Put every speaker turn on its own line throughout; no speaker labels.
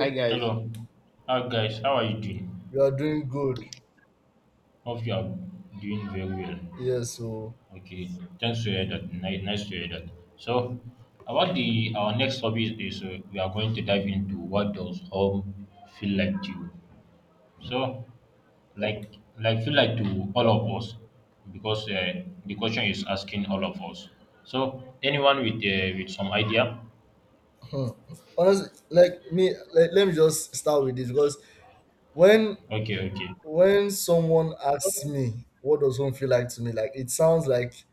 Hi guys.
Hello. Hi guys, how are you doing?
you are doing good.
Hope you are doing very well.
Yes, so
Okay, thanks to hear that. Nice, nice to hear that. So, about the our next topic is we are going to dive into what does home feel like to you. So, like feel like to all of us, because the question is asking all of us. So, anyone with some idea?
hmm. honestly, like me, like, let me just start with this because when
Okay, okay.
when someone asks me what does home feel like to me, like it sounds like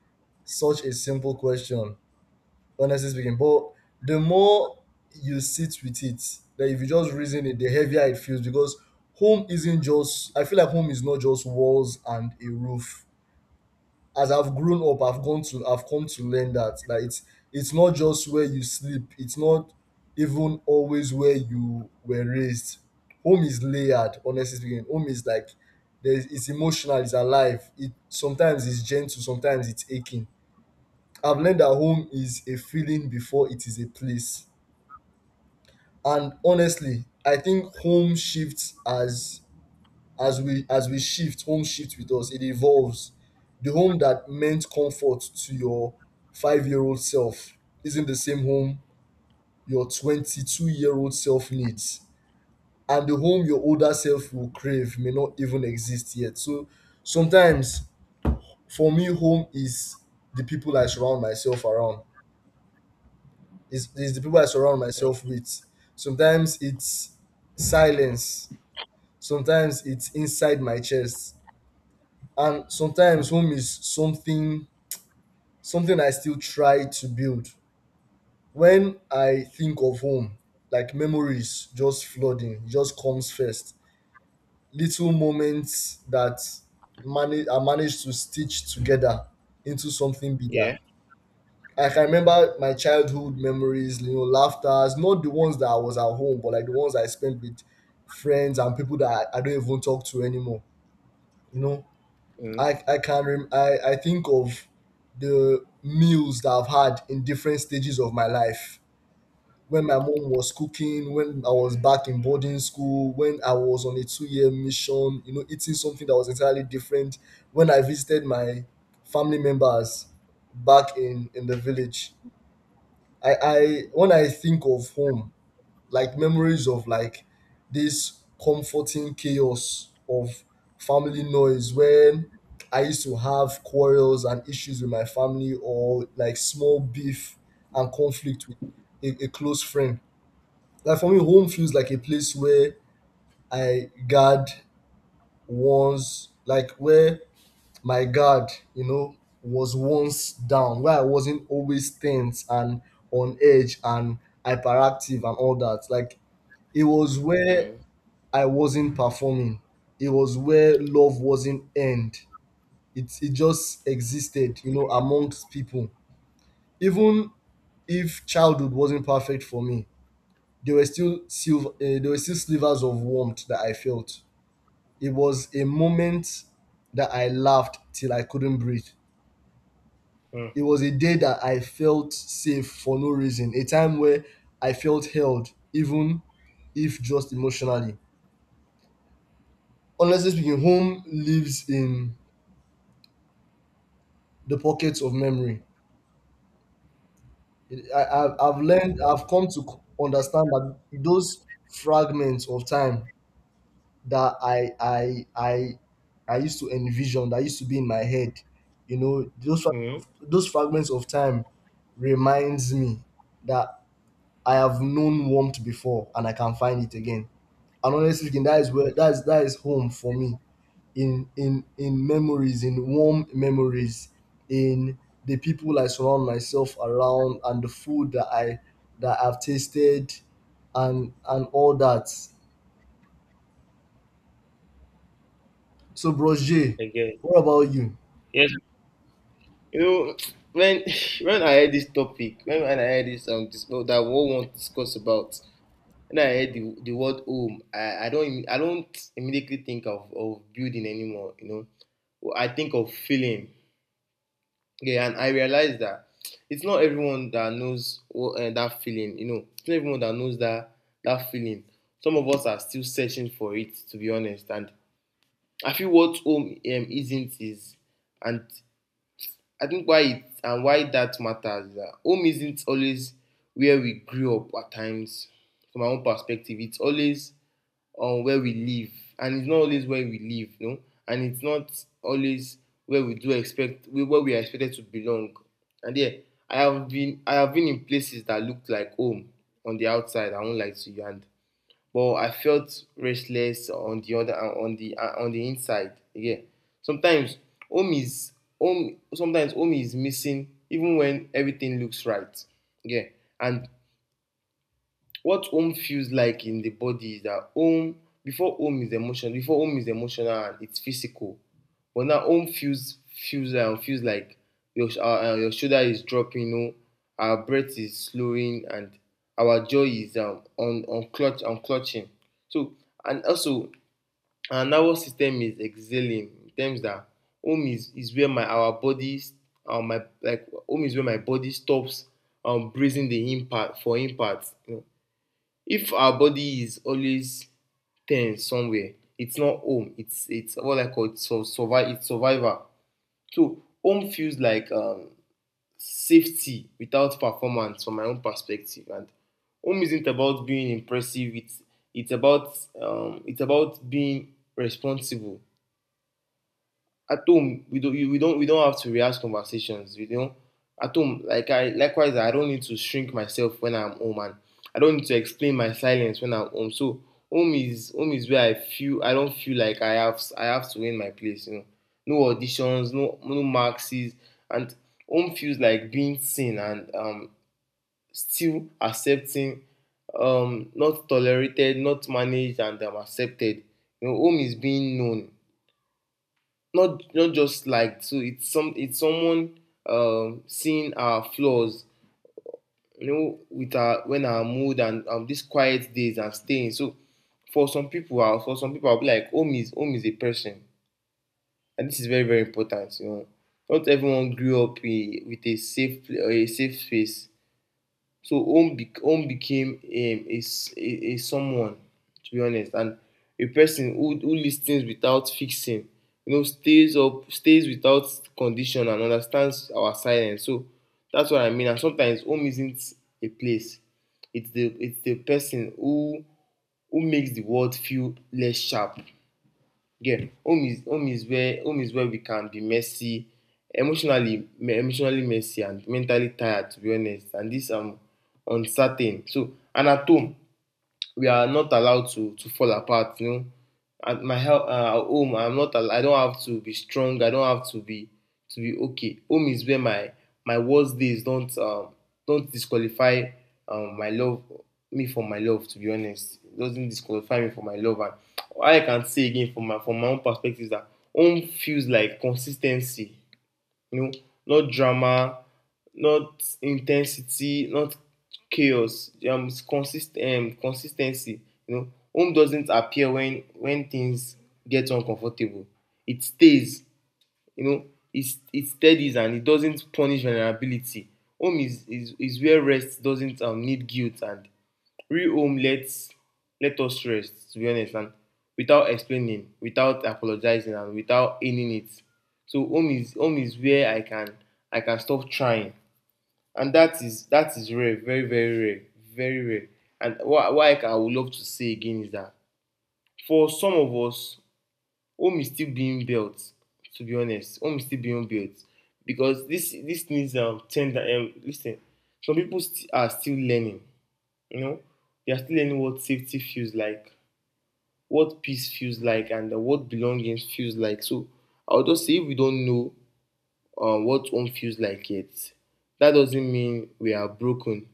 such a simple question, honestly speaking. But the more you sit with it, that if you just reason it, the heavier it feels because home isn't just. I feel like home is not just walls and a roof. As I've grown up, I've come to learn that it's not just where you sleep. It's not even always where you were raised. Home is layered, honestly speaking. Home is like there's it's emotional, it's alive. It sometimes it's gentle, sometimes it's aching. I've learned that home is a feeling before it is a place. And honestly, I think home shifts as we shift, home shifts with us, it evolves. The home that meant comfort to your 5 year old self isn't the same home your 22-year-old self needs, and the home your older self will crave may not even exist yet. So sometimes for me, home is the people i surround myself around the people I surround
Mm.
myself with. Sometimes it's silence, sometimes it's inside my chest, and sometimes home is something I still try to build. When I think of home, like memories just flooding just comes first. Little moments that manage I managed to stitch together into something bigger.
Yeah.
Like, I can remember my childhood memories, you know, laughters, not the ones that I was at home, but like the ones I spent with friends and people that I don't even talk to anymore, you know.
Mm.
I can rem- I think of the meals that I've had in different stages of my life. When my mom was cooking, when I was back in boarding school, when I was on a two-year mission, you know, eating something that was entirely different. When I visited my family members back in the village, I when I think of home, like memories of like this comforting chaos of family noise, when I used to have quarrels and issues with my family, or like small beef and conflict with a close friend. Like for me, home feels like a place where I guard once, like where my guard, you know, was once down, where I wasn't always tense and on edge and hyperactive and all that. Like it was where
Mm.
I wasn't performing. It was where love wasn't earned. It just existed, you know, amongst people. Even if childhood wasn't perfect for me, there were still silver, uh, there were still slivers of warmth that I felt. It was a moment that I laughed till I couldn't breathe.
Mm.
It was a day that I felt safe for no reason. A time where I felt held, even if just emotionally. Honestly speaking, home lives in the pockets of memory. I've learned, I've come to c- understand that those fragments of time that I used to envision, that used to be in my head, you know, those,
Mm.
those fragments of time reminds me that I have known warmth before and I can find it again. And honestly speaking, that is where
Mm.
that is home for me. In memories, in warm memories, in the people I surround myself around, and the food that I've tasted, and all that. So, Bros J,
I get it.
what about you?
Yes. You know, when when I heard this topic, when I heard this well, that what we want to discuss about, when I heard the word home, I don't immediately think of, building anymore. You know, well, I think of feeling. Yeah, and I realized that it's not everyone that knows what, that feeling. You know, it's not everyone that knows that feeling. Some of us are still searching for it, to be honest, and I feel what home isn't is, and I think why it and why that matters is that home isn't always where we grew up at times. From my own perspective, it's always on, where we live, and it's not always where we live, you know, and it's not always where we do expect where we are expected to belong. And yeah, I have been in places that looked like home on the outside. I won't lie to you, and but I felt restless on the other on the inside. Yeah, sometimes home is home. Sometimes home is missing even when everything looks right. Yeah, and what home feels like in the body is that home before home is emotional, before home is emotional and it's physical, but now home feels, feels like your your shoulder is dropping, you know, our breath is slowing, and our joy is, on, clutch, on clutching. So and also our nervous system is exhaling in terms that home is, where my our body, my like home is where my body stops, breathing the impact for impact, you know. If our body is always tense somewhere, it's not home. It's what I call so survive. It's survival. So home feels like, safety without performance from my own perspective. And home isn't about being impressive. It's about, it's about being responsible. At home we don't, you, we don't have to rehearse conversations, you know. At home, like, I, likewise I don't need to shrink myself when I'm home, and I don't need to explain my silence when I'm home. So home is where I feel I don't feel like I have to win my place, you know. No auditions, no, no maxes. And home feels like being seen and, um, still accepting, um, not tolerated, not managed, and, accepted. You know, home is being known, not just like, so it's some, it's someone, um, seeing our flaws, you know, with our when our mood and, um, these quiet days and staying. So for some people, ah, for some people, I'll be like home is, a person. And this is very, very important, you know. Not everyone grew up in, with a a safe space. So home bec home became, a someone, to be honest. And a person who listens without fixing, you know, stays up, stays without condition and understands our silence. So that's what I mean, and sometimes home isn't a place, it's the person who makes the world feel less sharp. Again, home is, where home is where we can be messy, emotionally, emotionally messy and mentally tired, to be honest. And this, um, uncertain. So and at home, we are not allowed to fall apart. You know, at my at home, I'm not. I don't have to be strong. I don't have to be, to be okay. Home is where my worst days don't, don't disqualify, my love me for my love. To be honest, it doesn't disqualify me for my love. And all I can say again from my own perspective is that home feels like consistency, you know, not drama, not intensity, not chaos. It's consist Consistency. You know, home doesn't appear when things get uncomfortable. It stays. You know, it it steadies and it doesn't punish vulnerability. Home is where rest doesn't, need guilt, and real home lets, let us rest, to be honest, and without explaining, without apologizing, and without earning it. So home is where I can stop trying, and that is rare. Very, very rare. Very rare. And what I can, I would love to say again is that for some of us, home is still being built, to be honest. Home is still being built because this needs, um, tender, um, lis ten. Some people st are still learning, you know. You are still learning what safety feels like, what peace feels like, and, what belonging feels like. So I'll just say if we don't know, what home feels like yet, that doesn't mean we are broken.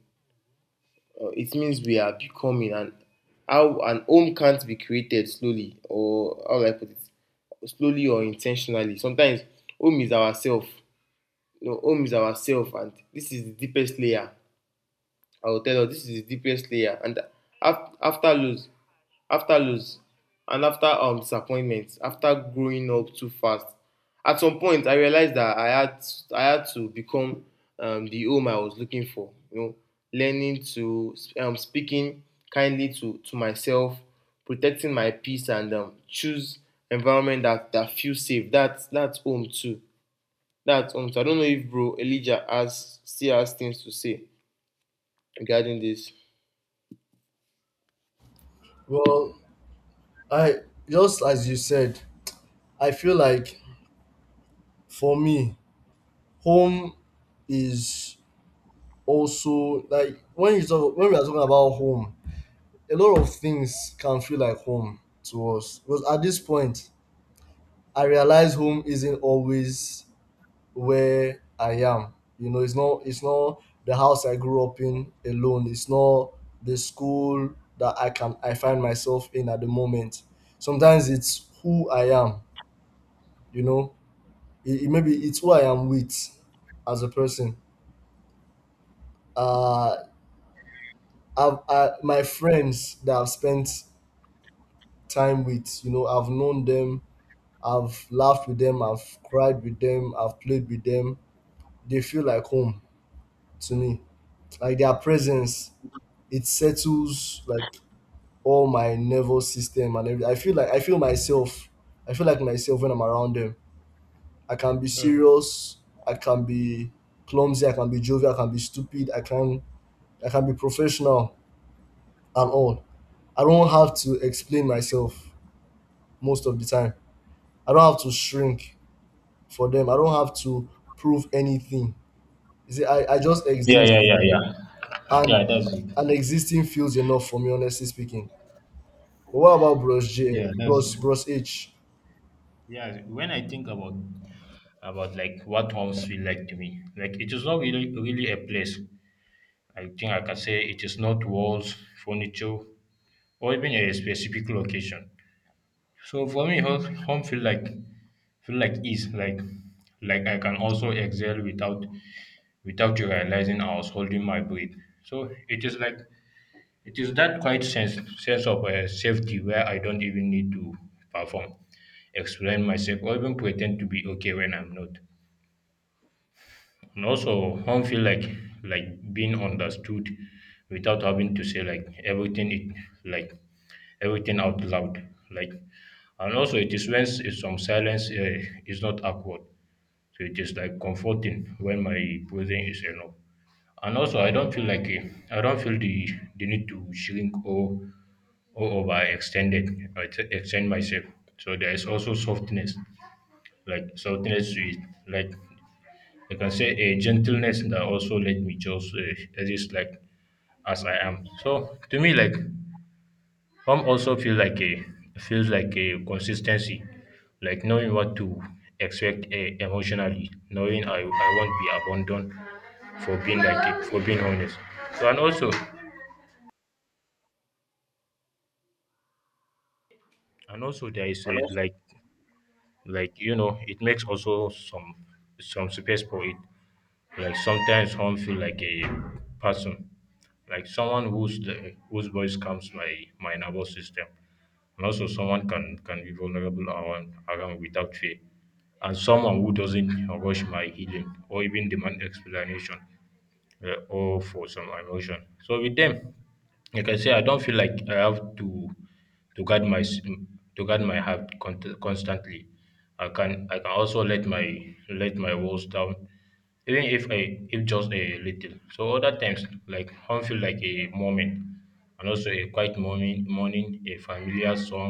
It means we are becoming. And how an home can't be created slowly, or how will I put it? Slowly or intentionally. Sometimes home is ourself. You know, home is ourself, and this is the deepest layer. I will tell us this is the deepest layer. And after lose, after lose, and after, um, disappointment, after growing up too fast, at some point I realized that I had to become, um, the home I was looking for, you know, learning to, um, speaking kindly to myself, protecting my peace, and, um, choose environment that feels safe. That's home too. That's home too. I don't know if bro Elijah has still has things to say regarding this.
Well, I, just as you said, I feel like for me, home is also like when you talk when we are talking about home, a lot of things can feel like home to us. Because at this point, I realize home isn't always where I am. You know, it's not the house I grew up in alone. It's not the school that I find myself in at the moment. Sometimes it's who I am, you know. It maybe it's who I am with as a person. Uh I've, I, my friends that I've spent time with, you know, I've known them, I've laughed with them, I've cried with them, I've played with them. They feel like home to me. Like their presence, it settles like all my nervous system and everything. I feel like I feel myself. I feel like myself when I'm around them. I can be
Mm.
serious. I can be clumsy. I can be jovial. I can be stupid. I can be professional and all. I don't have to explain myself most of the time. I don't have to shrink for them. I don't have to prove anything. You see, I just
Yeah,
exist.
yeah, yeah, yeah.
And
Yeah, that's
and
it.
existing feels enough for me, honestly speaking. But what about Bros J,
Yeah, that's it.
Bros H?
Yeah, when I think about like what homes feel like to me, like it is not really a place. I think I can say it is not walls, furniture, or even a specific location. So for me, home feel like ease, like I can also exhale without you realizing I was holding my breath. So it is like it is that quiet sense of safety where I don't even need to perform, explain myself, or even pretend to be okay when I'm not. And also, home feel like being understood without having to say like everything it like everything out loud. Like, and also it is when some silence is not awkward, so it is like comforting when my breathing is enough. And also, I don't feel like I don't feel the need to shrink or overextended or extend myself. So there is also softness, like softness with like I can say a gentleness that also let me just exist like as I am. So to me, like home also feels like a consistency, like knowing what to expect emotionally, knowing I won't be abandoned for being like for being honest. So and also there is
Ah,
a
no
like you know it makes also some space for it like sometimes home feel like a person like someone whose the, whose voice comes my my nervous system and also someone can be vulnerable around without fear and someone who doesn't rush my healing or even demand explanation, yeah, or for some emotion. So with them, like I say, I don't feel like I have to to guard my s- to guard my heart constantly. I can also let my walls down, even if I if just a little. So other times, like home feel like a moment, and also a quiet morning, a familiar song,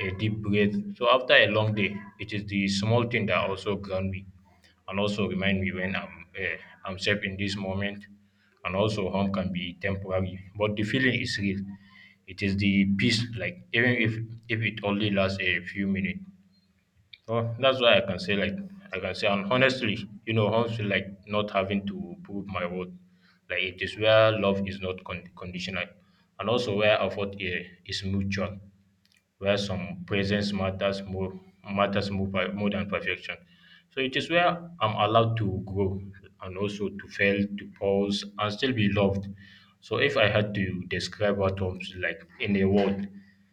a deep breath. So after a long day, it is the small thing that also ground me and also remind me when I'm safe in this moment. And also, home can be temporary, but the feeling is real. It is the peace, like even if it only lasts a few minutes. So that's why I can say like I can say, and honestly, you know, home feel like not having to prove my worth. Like it is where love is not conditional, and also where effort is mutual where some presence matters more, more than perfection. So it is where I'm allowed to grow and also to fail, to pause and still be loved. So if I had to describe what homes like in a word,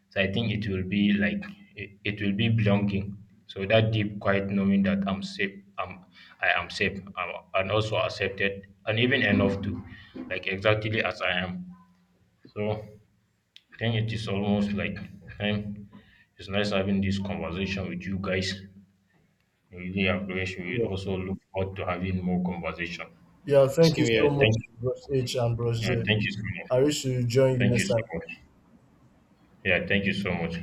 so I think it will be like it will be belonging. So that deep quiet knowing that I am safe, and also accepted, and even enough to, like exactly as I am. So then it is almost like time. It's nice having this conversation with you guys. I really appreciate. We
sabía.
also look forward to having more conversation.
Yeah, thank
Sí
you
Yeah,
so much,
thank.
conoce.
Bros H and Bros
Yeah,
J.
thank you so much.
I wish to join you
Thank you
next
so
time.
much. Yeah, thank you so much.